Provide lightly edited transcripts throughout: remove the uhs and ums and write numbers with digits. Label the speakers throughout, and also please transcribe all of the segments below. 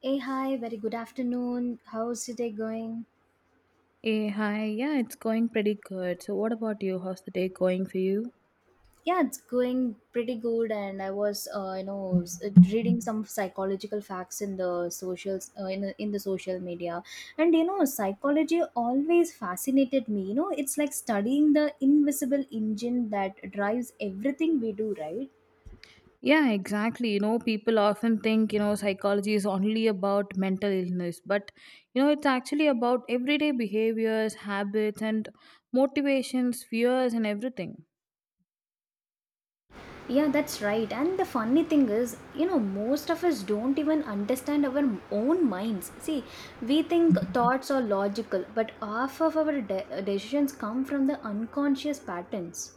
Speaker 1: Hey, hi, very good afternoon. How's your day going?
Speaker 2: Hey, hi. Yeah, it's going pretty good. So, what about you? How's the day going for you?
Speaker 1: Yeah, it's going pretty good. And I was, reading some psychological facts in the socials, in the social media. And, you know, psychology always fascinated me. You know, it's like studying the invisible engine that drives everything we do, right?
Speaker 2: Yeah, exactly. You know, people often think, you know, psychology is only about mental illness, but, you know, it's actually about everyday behaviors, habits, and motivations, fears, and everything.
Speaker 1: Yeah, that's right. And the funny thing is, you know, most of us don't even understand our own minds. See, we think thoughts are logical, but half of our decisions come from the unconscious patterns.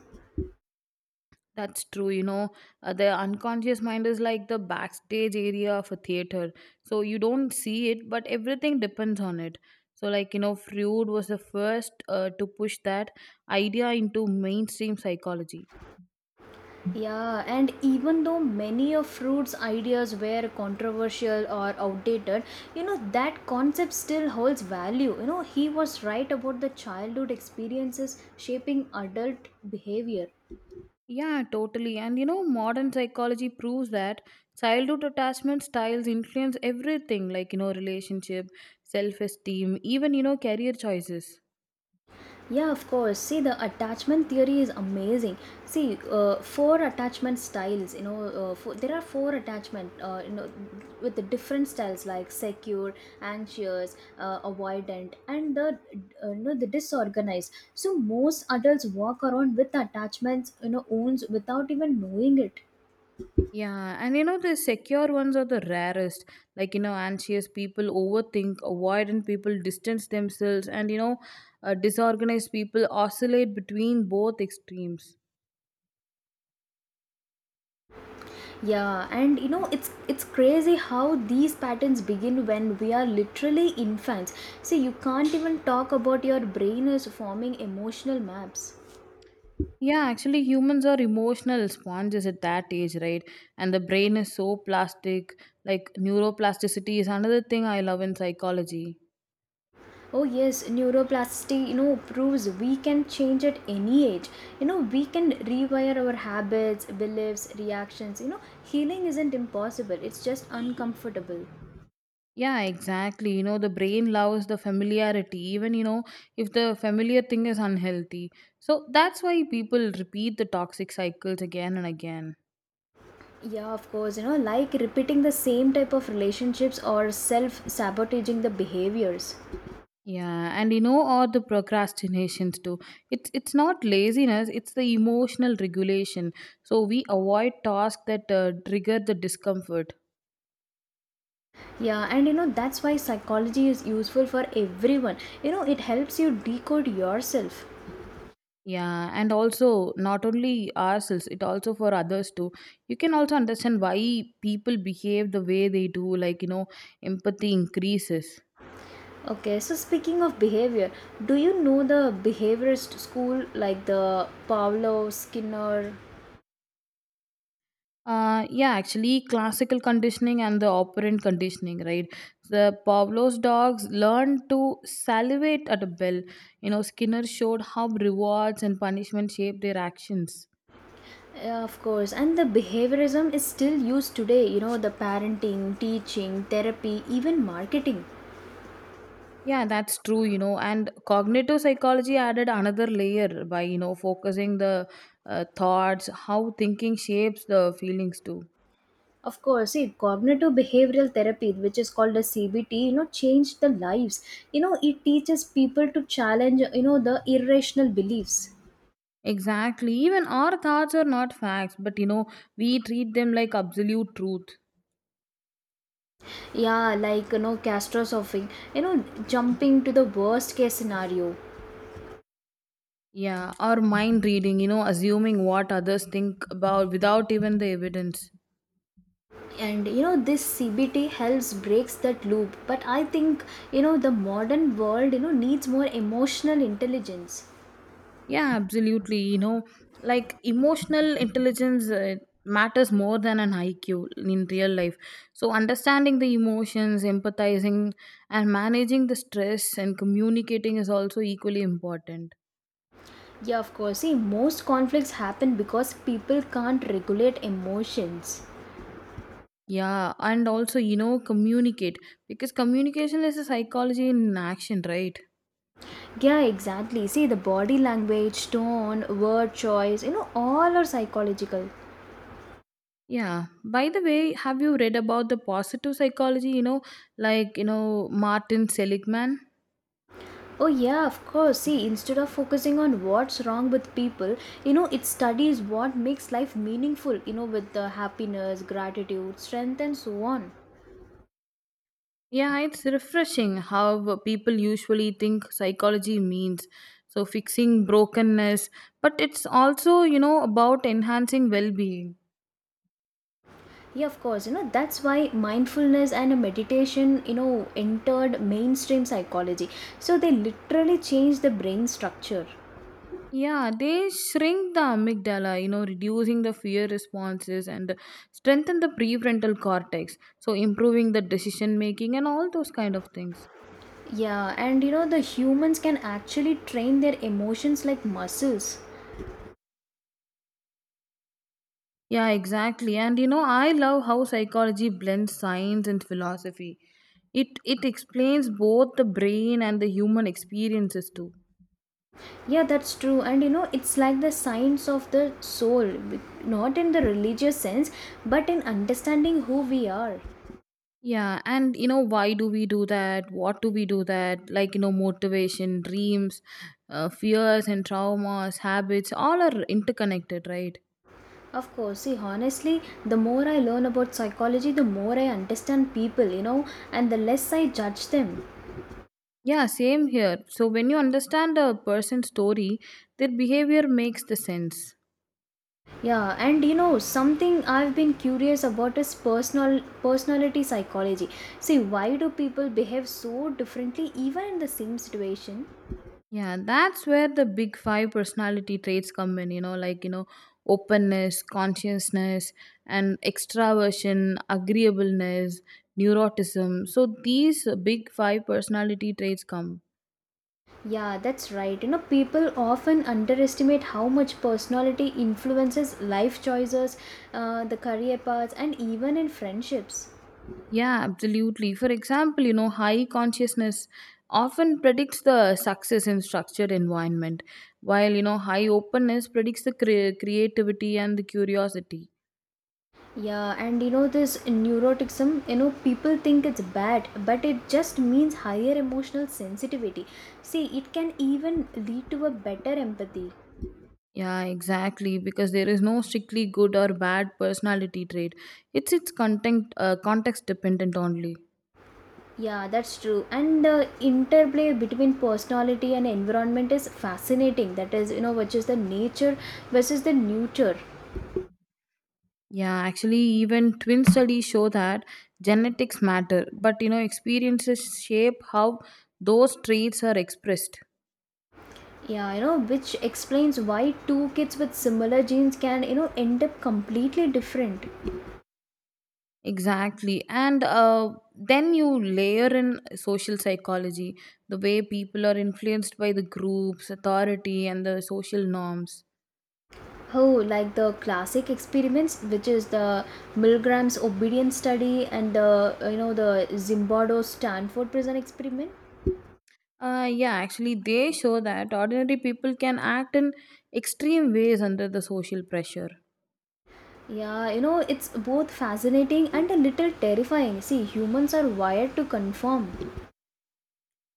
Speaker 2: That's true. You know, the unconscious mind is like the backstage area of a theater. So you don't see it, but everything depends on it. So, like, you know, Freud was the first to push that idea into mainstream psychology.
Speaker 1: Yeah, and even though many of Freud's ideas were controversial or outdated, you know, that concept still holds value. You know, he was right about the childhood experiences shaping adult behavior.
Speaker 2: Yeah, totally. And, you know, modern psychology proves that childhood attachment styles influence everything, like, you know, relationship, self esteem, even, you know, career choices.
Speaker 1: Yeah, of course. See, the attachment theory is amazing. See, four attachment styles. There are four attachment. You know, with the different styles like secure, anxious, avoidant, and the you know the disorganized. So most adults walk around with attachments. You know, owns without even knowing it.
Speaker 2: Yeah, and you know, the secure ones are the rarest. Like, you know, anxious people overthink, avoidant people distance themselves, and you know, disorganized people oscillate between both extremes.
Speaker 1: Yeah, and you know it's crazy how these patterns begin when we are literally infants. See, you can't even talk about your brain is forming emotional maps.
Speaker 2: Yeah, actually, humans are emotional sponges at that age, right? And the brain is so plastic. Like, neuroplasticity is another thing I love in psychology.
Speaker 1: Oh yes, neuroplasticity, you know, proves we can change at any age. You know, we can rewire our habits, beliefs, reactions. You know, healing isn't impossible. It's just uncomfortable.
Speaker 2: Yeah, exactly. You know, the brain loves the familiarity, even, you know, if the familiar thing is unhealthy. So that's why people repeat the toxic cycles again and again.
Speaker 1: Yeah, of course, you know, like repeating the same type of relationships or self sabotaging the behaviors.
Speaker 2: Yeah, and you know, all the procrastinations too. It's not laziness; it's the emotional regulation. So we avoid tasks that trigger the discomfort.
Speaker 1: Yeah, and you know that's why psychology is useful for everyone. You know, it helps you decode yourself.
Speaker 2: Yeah, and also not only ourselves, it also for others too. You can also understand why people behave the way they do, like you know, empathy increases.
Speaker 1: Okay, so speaking of behavior, do you know the behaviorist school like the Pavlov, Skinner?
Speaker 2: Yeah, actually, classical conditioning and the operant conditioning, right? The Pavlov's dogs learned to salivate at a bell. You know, Skinner showed how rewards and punishment shape their actions.
Speaker 1: Yeah, of course, and the behaviorism is still used today. You know, the parenting, teaching, therapy, even marketing.
Speaker 2: Yeah, that's true, you know, and cognitive psychology added another layer by, you know, focusing the thoughts, how thinking shapes the feelings too.
Speaker 1: Of course, see, cognitive behavioral therapy, which is called as CBT, you know, changed the lives. You know, it teaches people to challenge, you know, the irrational beliefs.
Speaker 2: Exactly. Even our thoughts are not facts, but, you know, we treat them like absolute truth.
Speaker 1: Yeah, like, you know, catastrophic, you know, jumping to the worst case scenario.
Speaker 2: Yeah, or mind reading, you know, assuming what others think about without even the evidence.
Speaker 1: And you know this CBT helps breaks that loop, but I think, you know, the modern world, you know, needs more emotional intelligence.
Speaker 2: Yeah, absolutely. You know, like emotional intelligence matters more than an IQ in real life. So, understanding the emotions, empathizing, and managing the stress and communicating is also equally important.
Speaker 1: Yeah, of course, see most conflicts happen because people can't regulate emotions.
Speaker 2: Yeah, and also, you know, communicate because communication is a psychology in action, right?
Speaker 1: Yeah, exactly, see the body language, tone, word choice, you know, all are psychological.
Speaker 2: Yeah. By the way, have you read about the positive psychology, you know, like, you know, Martin Seligman?
Speaker 1: Oh, yeah, of course. See, instead of focusing on what's wrong with people, you know, it studies what makes life meaningful, you know, with the happiness, gratitude, strength, and so on.
Speaker 2: Yeah, it's refreshing how people usually think psychology means. So, fixing brokenness, but it's also, you know, about enhancing well being.
Speaker 1: Yeah, of course, you know, that's why mindfulness and meditation, you know, entered mainstream psychology. So they literally changed the brain structure.
Speaker 2: Yeah, they shrink the amygdala, you know, reducing the fear responses and strengthen the prefrontal cortex. So, improving the decision making and all those kind of things.
Speaker 1: Yeah, and you know, the humans can actually train their emotions like muscles.
Speaker 2: Yeah, exactly. And, you know, I love how psychology blends science and philosophy. It explains both the brain and the human experiences too.
Speaker 1: Yeah, that's true. And you know, it's like the science of the soul, not in the religious sense, but in understanding who we are.
Speaker 2: Yeah, and you know, why do we do that? What do we do that? Like, you know, motivation, dreams, fears, and traumas, habits, all are interconnected, right?
Speaker 1: Of course, see, honestly, the more I learn about psychology, the more I understand people, you know, and the less I judge them.
Speaker 2: Yeah, same here. So, when you understand a person's story, their behavior makes the sense.
Speaker 1: Yeah, and you know, something I've been curious about is personal personality psychology. See, why do people behave so differently even in the same situation?
Speaker 2: Yeah, that's where the big five personality traits come in, you know, like, you know, openness, consciousness, and extraversion, agreeableness, neuroticism. So, these big five personality traits come.
Speaker 1: Yeah, that's right. You know, people often underestimate how much personality influences life choices, the career paths, and even in friendships.
Speaker 2: Yeah, absolutely. For example, you know, high consciousness often predicts the success in structured environment, while you know, high openness predicts the creativity and the curiosity.
Speaker 1: Yeah, and you know, this neuroticism, you know, people think it's bad, but it just means higher emotional sensitivity. See, it can even lead to a better empathy.
Speaker 2: Yeah, exactly. Because there is no strictly good or bad personality trait. It's content context dependent only.
Speaker 1: Yeah, that's true. And the interplay between personality and environment is fascinating. That is, you know, which is the nature versus the nurture.
Speaker 2: Yeah, actually, even twin studies show that genetics matter, but you know, experiences shape how those traits are expressed.
Speaker 1: Yeah, you know, which explains why two kids with similar genes can, you know, end up completely different.
Speaker 2: Exactly. And then you layer in social psychology, the way people are influenced by the groups, authority, and the social norms.
Speaker 1: Oh, like the classic experiments, which is the Milgram's obedience study and the, you know, the Zimbardo Stanford prison experiment.
Speaker 2: Yeah, actually, they show that ordinary people can act in extreme ways under the social pressure.
Speaker 1: Yeah, you know, it's both fascinating and a little terrifying. See, humans are wired to conform.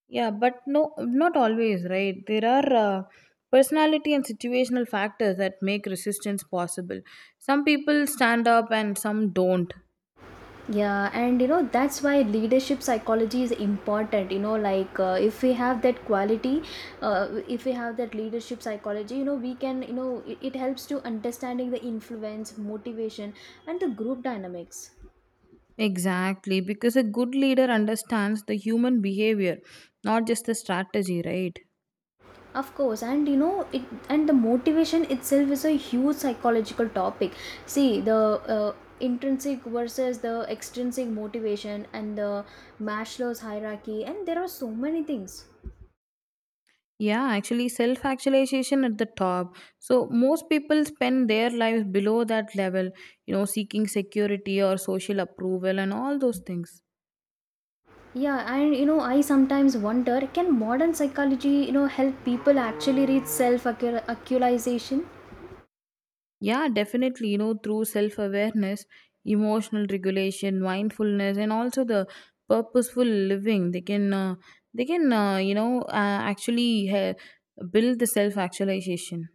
Speaker 2: Yeah, but no, not always, right? There are personality and situational factors that make resistance possible. Some people stand up and some don't.
Speaker 1: Yeah, and you know that's why leadership psychology is important. You know, like if we have that quality, if we have that leadership psychology, you know, we can, you know, it helps to understanding the influence, motivation, and the group dynamics.
Speaker 2: Exactly, because a good leader understands the human behavior, not just the strategy, right?
Speaker 1: Of course, and you know, it and the motivation itself is a huge psychological topic. See the. Intrinsic versus the extrinsic motivation and the Maslow's hierarchy, and there are so many things.
Speaker 2: Yeah, actually, self actualization at the top. So, most people spend their lives below that level, you know, seeking security or social approval and all those things.
Speaker 1: Yeah, and you know, I sometimes wonder can modern psychology, you know, help people actually reach self actualization?
Speaker 2: Yeah, definitely, you know, through self awareness, emotional regulation, mindfulness, and also the purposeful living, they can, you know, actually build the self actualization.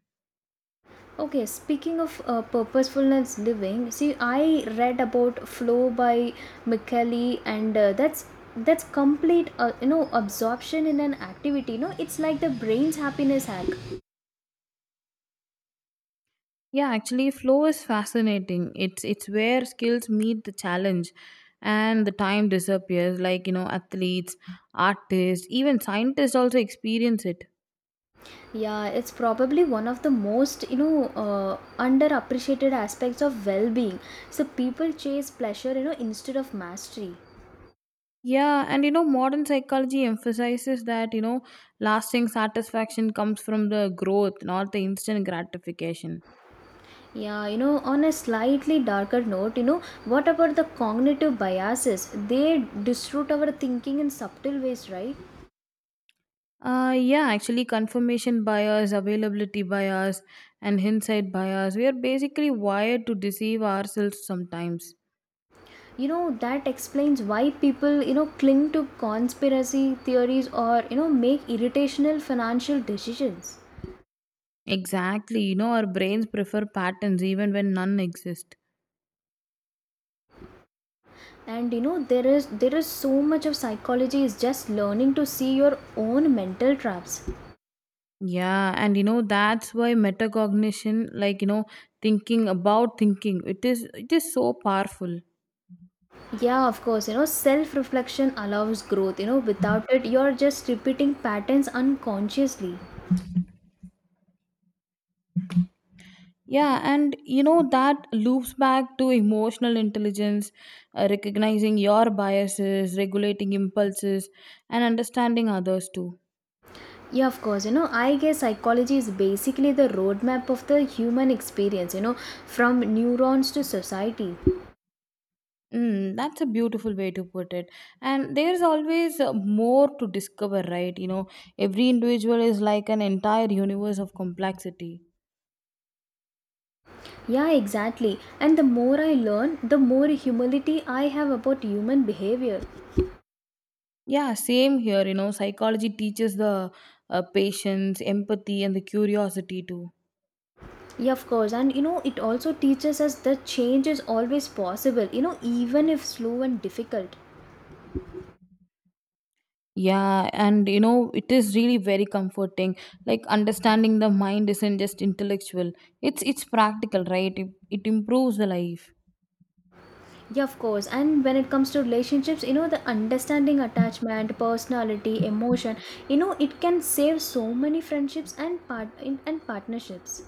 Speaker 1: Okay, speaking of purposefulness living, see, I read about flow by Micheli, and that's complete, you know, absorption in an activity. You know, it's like the brain's happiness hack.
Speaker 2: Yeah, actually, flow is fascinating. It's where skills meet the challenge, and the time disappears. Like you know, athletes, artists, even scientists also experience it.
Speaker 1: Yeah, it's probably one of the most, you know, underappreciated aspects of well-being. So people chase pleasure, you know, instead of mastery.
Speaker 2: Yeah, and you know, modern psychology emphasizes that you know, lasting satisfaction comes from the growth, not the instant gratification.
Speaker 1: Yeah, you know, on a slightly darker note, you know, what about the cognitive biases? They distort our thinking in subtle ways, right?
Speaker 2: Yeah, actually, confirmation bias, availability bias, and hindsight bias. We are basically wired to deceive ourselves sometimes.
Speaker 1: You know, that explains why people, you know, cling to conspiracy theories or, you know, make irritational financial decisions.
Speaker 2: Exactly. You know, our brains prefer patterns even when none exist.
Speaker 1: And you know, there is so much of psychology is just learning to see your own mental traps.
Speaker 2: Yeah, and you know that's why metacognition, like you know, thinking about thinking, it is so powerful.
Speaker 1: Yeah, of course, you know, self reflection allows growth. You know, without it, you're just repeating patterns unconsciously.
Speaker 2: Yeah, and you know that loops back to emotional intelligence, recognizing your biases, regulating impulses, and understanding others too.
Speaker 1: Yeah, of course. You know, I guess psychology is basically the roadmap of the human experience, you know, from neurons to society.
Speaker 2: Mm, that's a beautiful way to put it. And there's always more to discover, right? You know, every individual is like an entire universe of complexity.
Speaker 1: Yeah, exactly. And the more I learn, the more humility I have about human behavior.
Speaker 2: Yeah, same here. You know, psychology teaches the patience, empathy, and the curiosity too.
Speaker 1: Yeah, of course. And you know, it also teaches us that change is always possible, you know, even if slow and difficult.
Speaker 2: Yeah, and you know, it is really very comforting. Like understanding the mind isn't just intellectual; it's practical, right? It improves the life.
Speaker 1: Yeah, of course. And when it comes to relationships, you know, the understanding attachment, personality, emotion, you know, it can save so many friendships and partnerships.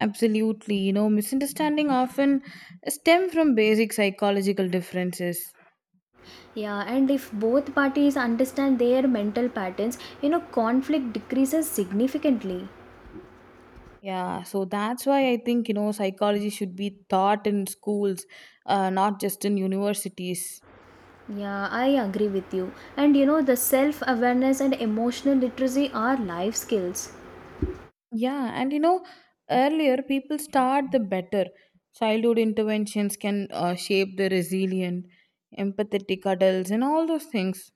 Speaker 2: Absolutely. You know, misunderstanding often stem from basic psychological differences.
Speaker 1: Yeah, and if both parties understand their mental patterns, you know, conflict decreases significantly.
Speaker 2: Yeah, so that's why I think, you know, psychology should be taught in schools, not just in universities.
Speaker 1: Yeah, I agree with you. And you know, the self awareness and emotional literacy are life skills.
Speaker 2: Yeah, and you know, earlier people start the better. Childhood interventions can shape the resilient, empathetic adults, and all those things.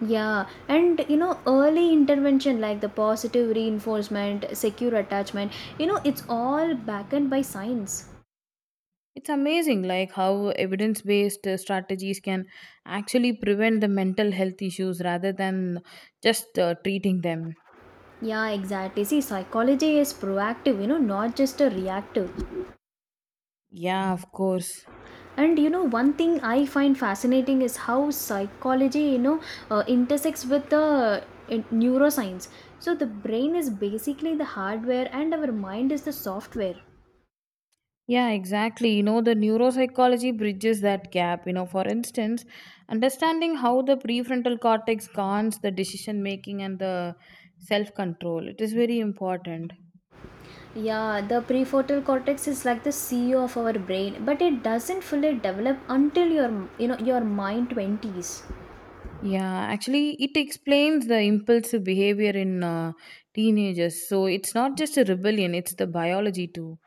Speaker 1: Yeah, and you know, early intervention like the positive reinforcement, secure attachment, you know, it's all backed by science.
Speaker 2: It's amazing like how evidence-based strategies can actually prevent the mental health issues rather than just treating them.
Speaker 1: Yeah, exactly. See, psychology is proactive, you know, not just a reactive.
Speaker 2: Yeah, of course.
Speaker 1: And you know one thing I find fascinating is how psychology, you know, intersects with the neuroscience. So the brain is basically the hardware and our mind is the software.
Speaker 2: Yeah, exactly. You know, the neuropsychology bridges that gap. You know, for instance, understanding how the prefrontal cortex guards the decision making and the self control. It is very important.
Speaker 1: Yeah, the prefrontal cortex is like the CEO of our brain, but it doesn't fully develop until your, you know, your mind 20s.
Speaker 2: Yeah, actually, it explains the impulsive behavior in teenagers. So it's not just a rebellion, it's the biology too.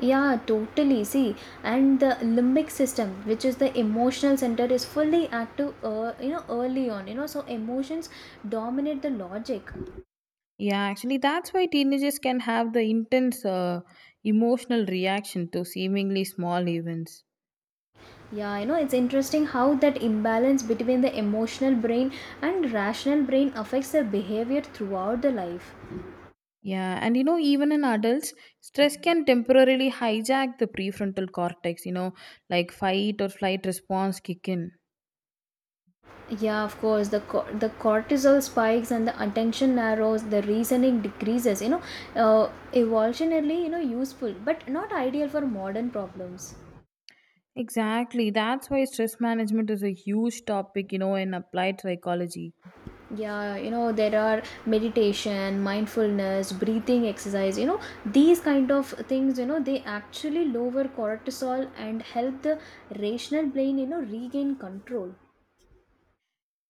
Speaker 1: Yeah, totally, see. And the limbic system, which is the emotional center, is fully active, you know, early on, you know, so emotions dominate the logic.
Speaker 2: Yeah, actually, that's why teenagers can have the intense emotional reaction to seemingly small events.
Speaker 1: Yeah, you know, it's interesting how that imbalance between the emotional brain and rational brain affects their behavior throughout the life.
Speaker 2: Yeah, and you know, even in adults, stress can temporarily hijack the prefrontal cortex, you know, like fight or flight response kick in.
Speaker 1: Yeah, of course, the the cortisol spikes and the attention narrows, the reasoning decreases, you know, evolutionarily, you know, useful, but not ideal for modern problems.
Speaker 2: Exactly, that's why stress management is a huge topic, you know, in applied psychology.
Speaker 1: Yeah, you know, there are meditation, mindfulness, breathing exercise, you know, these kind of things, you know, they actually lower cortisol and help the rational brain, you know, regain control.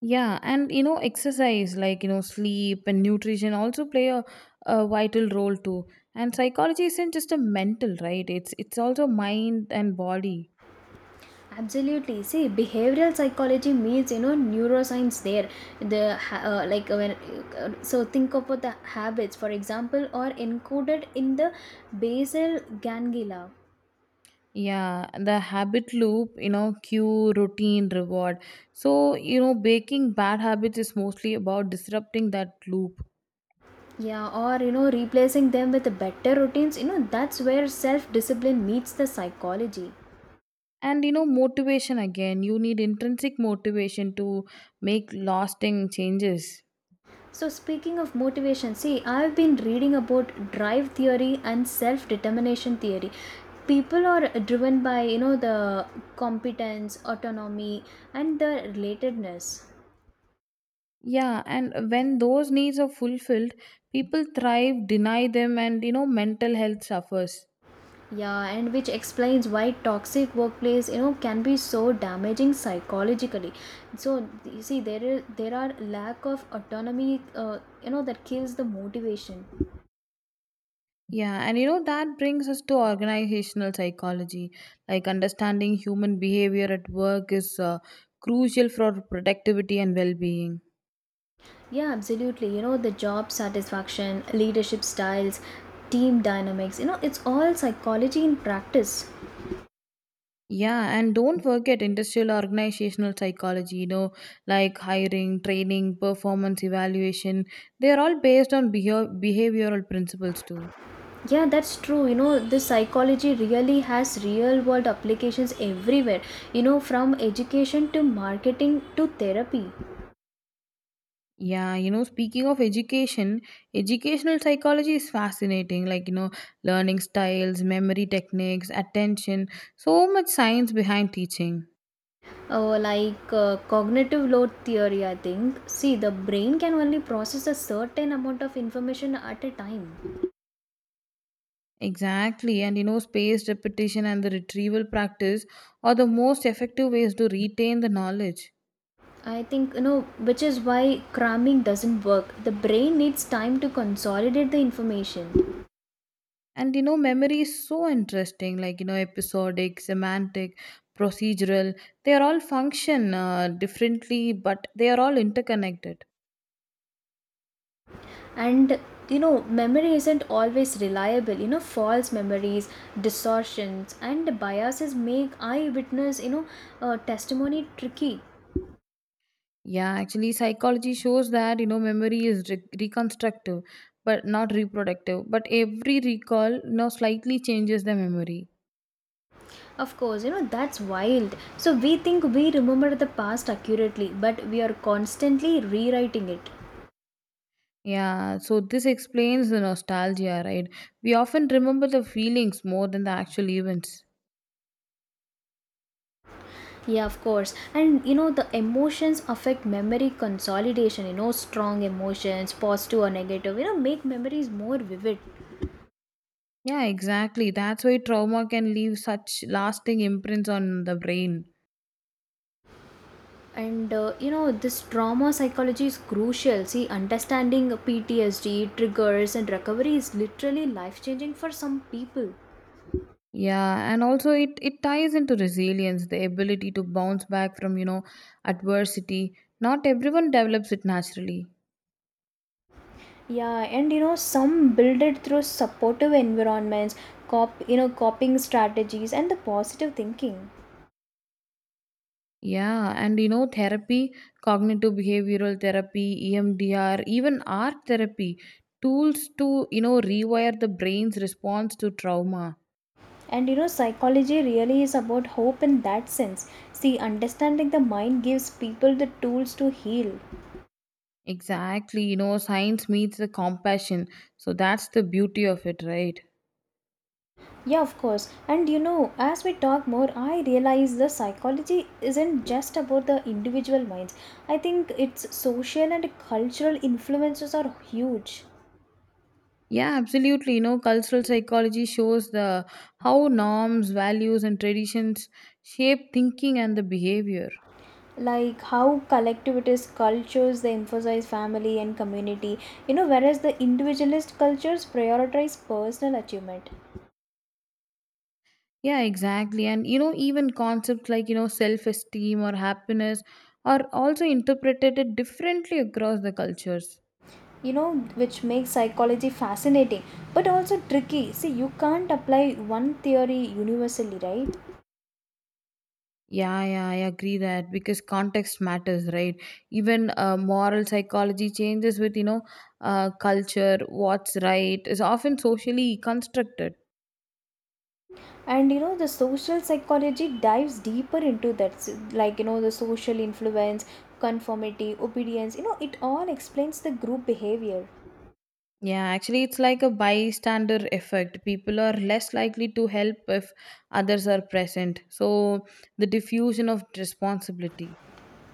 Speaker 2: Yeah, and you know, exercise like you know, sleep and nutrition also play a vital role too. And psychology isn't just a mental, right? It's also mind and body.
Speaker 1: Absolutely. See, behavioral psychology means, you know, neuroscience there. The ha- like when so think about the habits, for example, are encoded in the basal ganglia.
Speaker 2: Yeah, the habit loop, you know, cue, routine, reward. So, you know, breaking bad habits is mostly about disrupting that loop.
Speaker 1: Yeah, or you know, replacing them with better routines, you know, that's where self discipline meets the psychology.
Speaker 2: And you know, motivation again, you need intrinsic motivation to make lasting changes.
Speaker 1: So, speaking of motivation, see, I've been reading about drive theory and self determination theory. People are driven by, you know, the competence, autonomy, and the relatedness.
Speaker 2: Yeah, and when those needs are fulfilled, people thrive, deny them, and you know, mental health suffers.
Speaker 1: Yeah, and which explains why toxic workplace, you know, can be so damaging psychologically. So you see, there are lack of autonomy, you know, that kills the motivation.
Speaker 2: Yeah, and you know, that brings us to organizational psychology. Like understanding human behavior at work is crucial for productivity and well being.
Speaker 1: Yeah, absolutely. You know, the job satisfaction, leadership styles, team dynamics. You know, it's all psychology in practice.
Speaker 2: Yeah, and don't forget industrial organizational psychology, you know, like hiring, training, performance evaluation. They are all based on behavioral principles, too.
Speaker 1: Yeah, that's true. You know, this psychology really has real world applications everywhere. You know, from education to marketing to therapy.
Speaker 2: Yeah, you know, speaking of education, educational psychology is fascinating. Like, you know, learning styles, memory techniques, attention, so much science behind teaching.
Speaker 1: Cognitive load theory, I think, see the brain can only process a certain amount of information at a time.
Speaker 2: Exactly. And, you know, spaced repetition and the retrieval practice are the most effective ways to retain the knowledge.
Speaker 1: I think, you know, which is why cramming doesn't work. The brain needs time to consolidate the information.
Speaker 2: And, you know, memory is so interesting. Like, you know, episodic, semantic, procedural, they are all function differently, but they are all interconnected.
Speaker 1: And you know memory isn't always reliable, you know, false memories, distortions, and biases make eyewitness, you know, testimony tricky.
Speaker 2: Yeah, actually, psychology shows that you know memory is reconstructive, but not reproductive. But every recall, you know, slightly changes the memory.
Speaker 1: Of course, you know, that's wild. So we think we remember the past accurately, but we are constantly rewriting it.
Speaker 2: Yeah, so this explains the nostalgia, right? We often remember the feelings more than the actual events.
Speaker 1: Yeah, of course. And you know, the emotions affect memory consolidation. You know, strong emotions, positive or negative, you know, make memories more vivid.
Speaker 2: Yeah, exactly. That's why trauma can leave such lasting imprints on the brain.
Speaker 1: And you know, this trauma psychology is crucial. See, understanding PTSD, triggers, and recovery is literally life changing for some people.
Speaker 2: Yeah, and also it ties into resilience, the ability to bounce back from, you know, adversity. Not everyone develops it naturally.
Speaker 1: Yeah, and you know, some build it through supportive environments, you know, coping strategies, and the positive thinking.
Speaker 2: Yeah, and you know, therapy, cognitive behavioral therapy, EMDR, even art therapy, tools to, you know, rewire the brain's response to trauma.
Speaker 1: Psychology really is about hope in that sense. See, understanding the mind gives people the tools to heal.
Speaker 2: Exactly, you know, science meets the compassion. So that's the beauty of it, right?
Speaker 1: Yeah, of course. As we talk more, I realize the psychology isn't just about the individual minds. I think its social and cultural influences are huge.
Speaker 2: Yeah, absolutely. You know, cultural psychology shows the how norms, values and traditions shape thinking and the behavior.
Speaker 1: Like how collectivist cultures they emphasize family and community, whereas the individualist cultures prioritize personal achievement,
Speaker 2: Yeah, exactly. And you know, even concepts like, you know, self esteem or happiness are also interpreted differently across the cultures.
Speaker 1: which makes psychology fascinating but also tricky. See, you can't apply one theory universally, right?
Speaker 2: Yeah, yeah, I agree that because context matters, right? Even moral psychology changes with, you know, culture, what's right is often socially constructed.
Speaker 1: And the social psychology dives deeper into that like, the social influence, conformity, obedience, it all explains the group behavior.
Speaker 2: Yeah, actually, it's like a bystander effect. People are less likely to help if others are present. So, the diffusion of responsibility.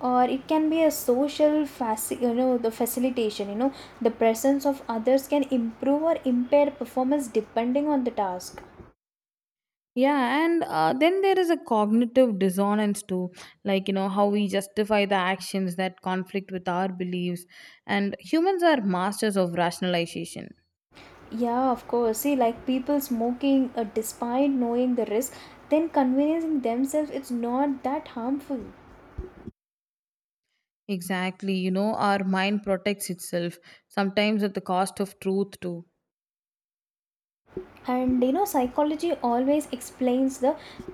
Speaker 1: Or it can be a the facilitation, the presence of others can improve or impair performance depending on the task.
Speaker 2: Yeah, and then there is a cognitive dissonance too, like you know how we justify the actions that conflict with our beliefs, and humans are masters of rationalization.
Speaker 1: Yeah, of course. See, like people smoking, despite knowing the risk, then convincing themselves it's not that harmful.
Speaker 2: Exactly, you know, our mind protects itself sometimes at the cost of truth too.
Speaker 1: And psychology always explains the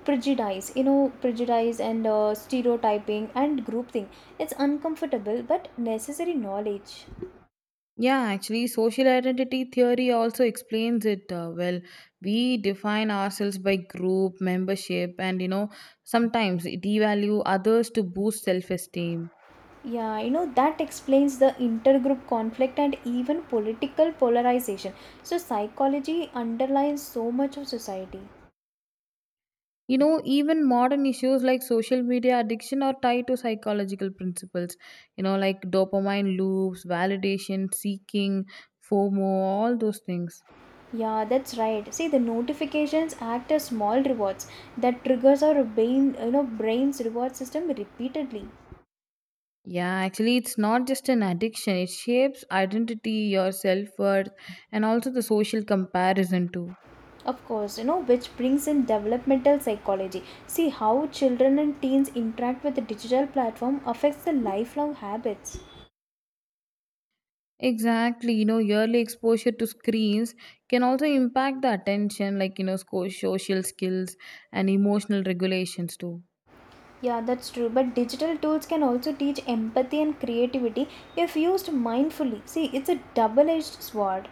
Speaker 1: prejudice, prejudice and stereotyping and groupthink. It's uncomfortable but necessary knowledge.
Speaker 2: Yeah, actually, social identity theory also explains it well. We define ourselves by group membership, and you know, sometimes devalue others to boost self esteem.
Speaker 1: Yeah, that explains the intergroup conflict and even political polarization. So, psychology underlines so much of society.
Speaker 2: You know, even modern issues like social media addiction are tied to psychological principles, you know, like dopamine loops, validation seeking, FOMO, all those things.
Speaker 1: Yeah, that's right. See, the notifications act as small rewards that triggers our brain, brain's reward system repeatedly.
Speaker 2: Yeah, actually, it's not just an addiction, it shapes identity, your self worth, and also the social comparison, too.
Speaker 1: Of course, which brings in developmental psychology. See how children and teens interact with the digital platform affects the lifelong habits.
Speaker 2: Exactly, you know, yearly exposure to screens can also impact the attention, like, you know, social skills and emotional regulations, too.
Speaker 1: Yeah, that's true. But digital tools can also teach empathy and creativity if used mindfully. See, it's a double edged sword.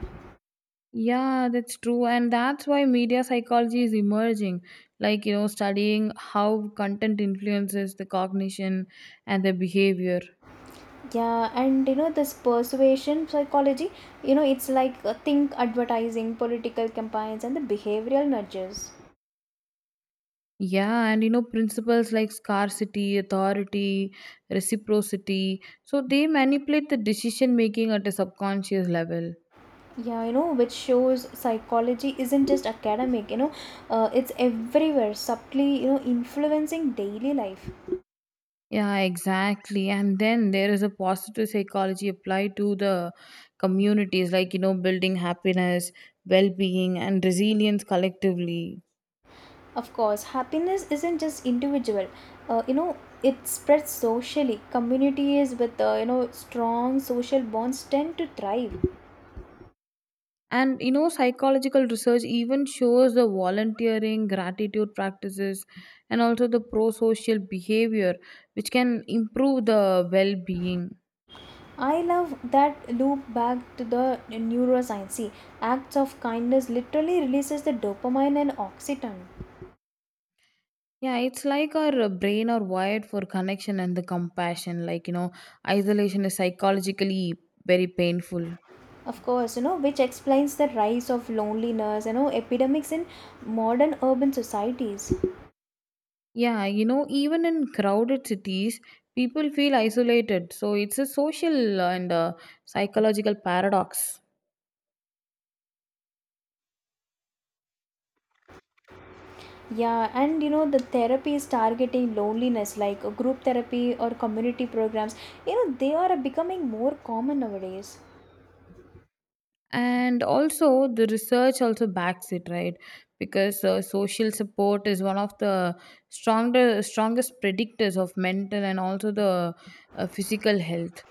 Speaker 2: Yeah, that's true. And that's why media psychology is emerging. Like, you know, studying how content influences the cognition and the behavior.
Speaker 1: This persuasion psychology, it's like, think advertising, political campaigns, and the behavioral nudges.
Speaker 2: Yeah, and you know, principles like scarcity, authority, reciprocity. So they manipulate the decision making at a subconscious level.
Speaker 1: Yeah, which shows psychology isn't just academic, it's everywhere, subtly, influencing daily life.
Speaker 2: Yeah, exactly. And then there is a positive psychology applied to the communities, like, you know, building happiness, well being, and resilience collectively.
Speaker 1: Of course, happiness isn't just individual. Uh, you know, it spreads socially. Communities with strong social bonds tend to thrive.
Speaker 2: And you know, psychological research even shows the volunteering, gratitude practices, and also the pro social behavior, which can improve the well being.
Speaker 1: I love that loop back to the neuroscience. See, acts of kindness literally releases the dopamine and oxytocin.
Speaker 2: Yeah, it's like our brain are wired for connection and the compassion. Like, you know, isolation is psychologically very painful.
Speaker 1: Of course, which explains the rise of loneliness, epidemics in modern urban societies.
Speaker 2: Yeah, you know, even in crowded cities, people feel isolated. So it's a social and psychological paradox.
Speaker 1: The therapy is targeting loneliness, like, group therapy or community programs. You know they are becoming more common nowadays.
Speaker 2: And also the research also backs it, right? Because social support is one of the stronger strongest predictors of mental and also the physical health.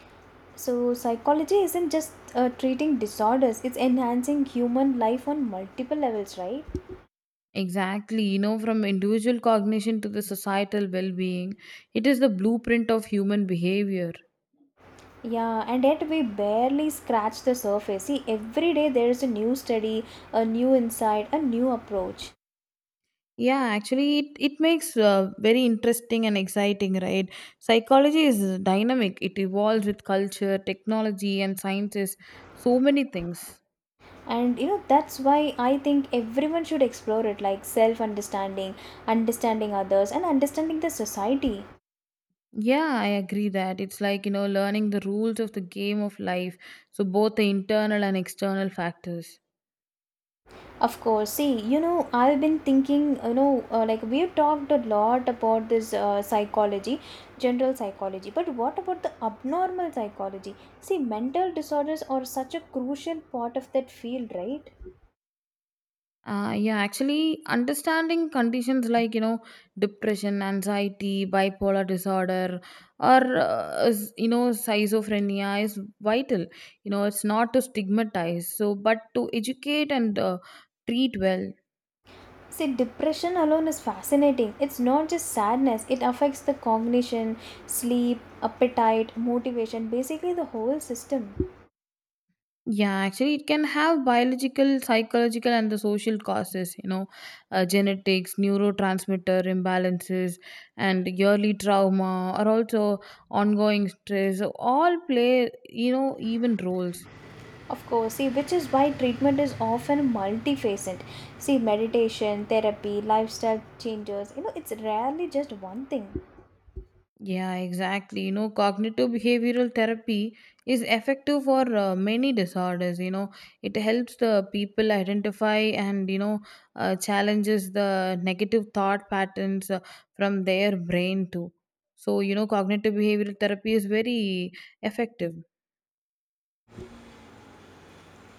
Speaker 1: So, psychology isn't just treating disorders, it's enhancing human life on multiple levels, right?
Speaker 2: Exactly, you know, from individual cognition to the societal well-being, it is the blueprint of human behavior.
Speaker 1: Yeah, and yet we barely scratch the surface. See, every day there is a new study, a new insight, a new approach.
Speaker 2: Yeah, actually, it makes very interesting and exciting, right? Psychology is dynamic, it evolves with culture, technology and sciences, so many things.
Speaker 1: That's why I think everyone should explore it. Like self understanding, understanding others, and understanding the society.
Speaker 2: Yeah, I agree that it's like, you know, learning the rules of the game of life. So, both the internal and external factors.
Speaker 1: Of course. See, I've been thinking, like we've talked a lot about this, psychology, general psychology, but what about the abnormal psychology? See, mental disorders are such a crucial part of that field, right?
Speaker 2: Yeah, actually, understanding conditions like, you know, depression, anxiety, bipolar disorder, or, you know, schizophrenia is vital. You know, it's not to stigmatize, so, but to educate and treat well.
Speaker 1: See, depression alone is fascinating. It's not just sadness, it affects the cognition, sleep, appetite, motivation, basically the whole system.
Speaker 2: Yeah, actually, it can have biological, psychological, and the social causes, you know, genetics, neurotransmitter imbalances, and yearly trauma, or also ongoing stress, all play, you know, even roles.
Speaker 1: Of course, see, which is why treatment is often multifaceted. See, meditation, therapy, lifestyle changes, it's rarely just one thing.
Speaker 2: Yeah, exactly. You know, cognitive behavioral therapy is effective for many disorders. You know, it helps the people identify and, you know, challenges the negative thought patterns from their brain too. So, you know, cognitive behavioral therapy is very effective.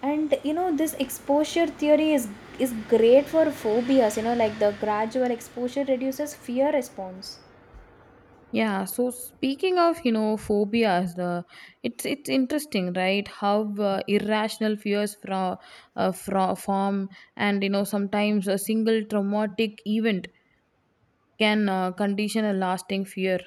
Speaker 1: This exposure theory is great for phobias, like the gradual exposure reduces fear response.
Speaker 2: Yeah, so speaking of, you know, phobias, the it's interesting, right? How irrational fears from form, and you know sometimes a single traumatic event can condition a lasting fear.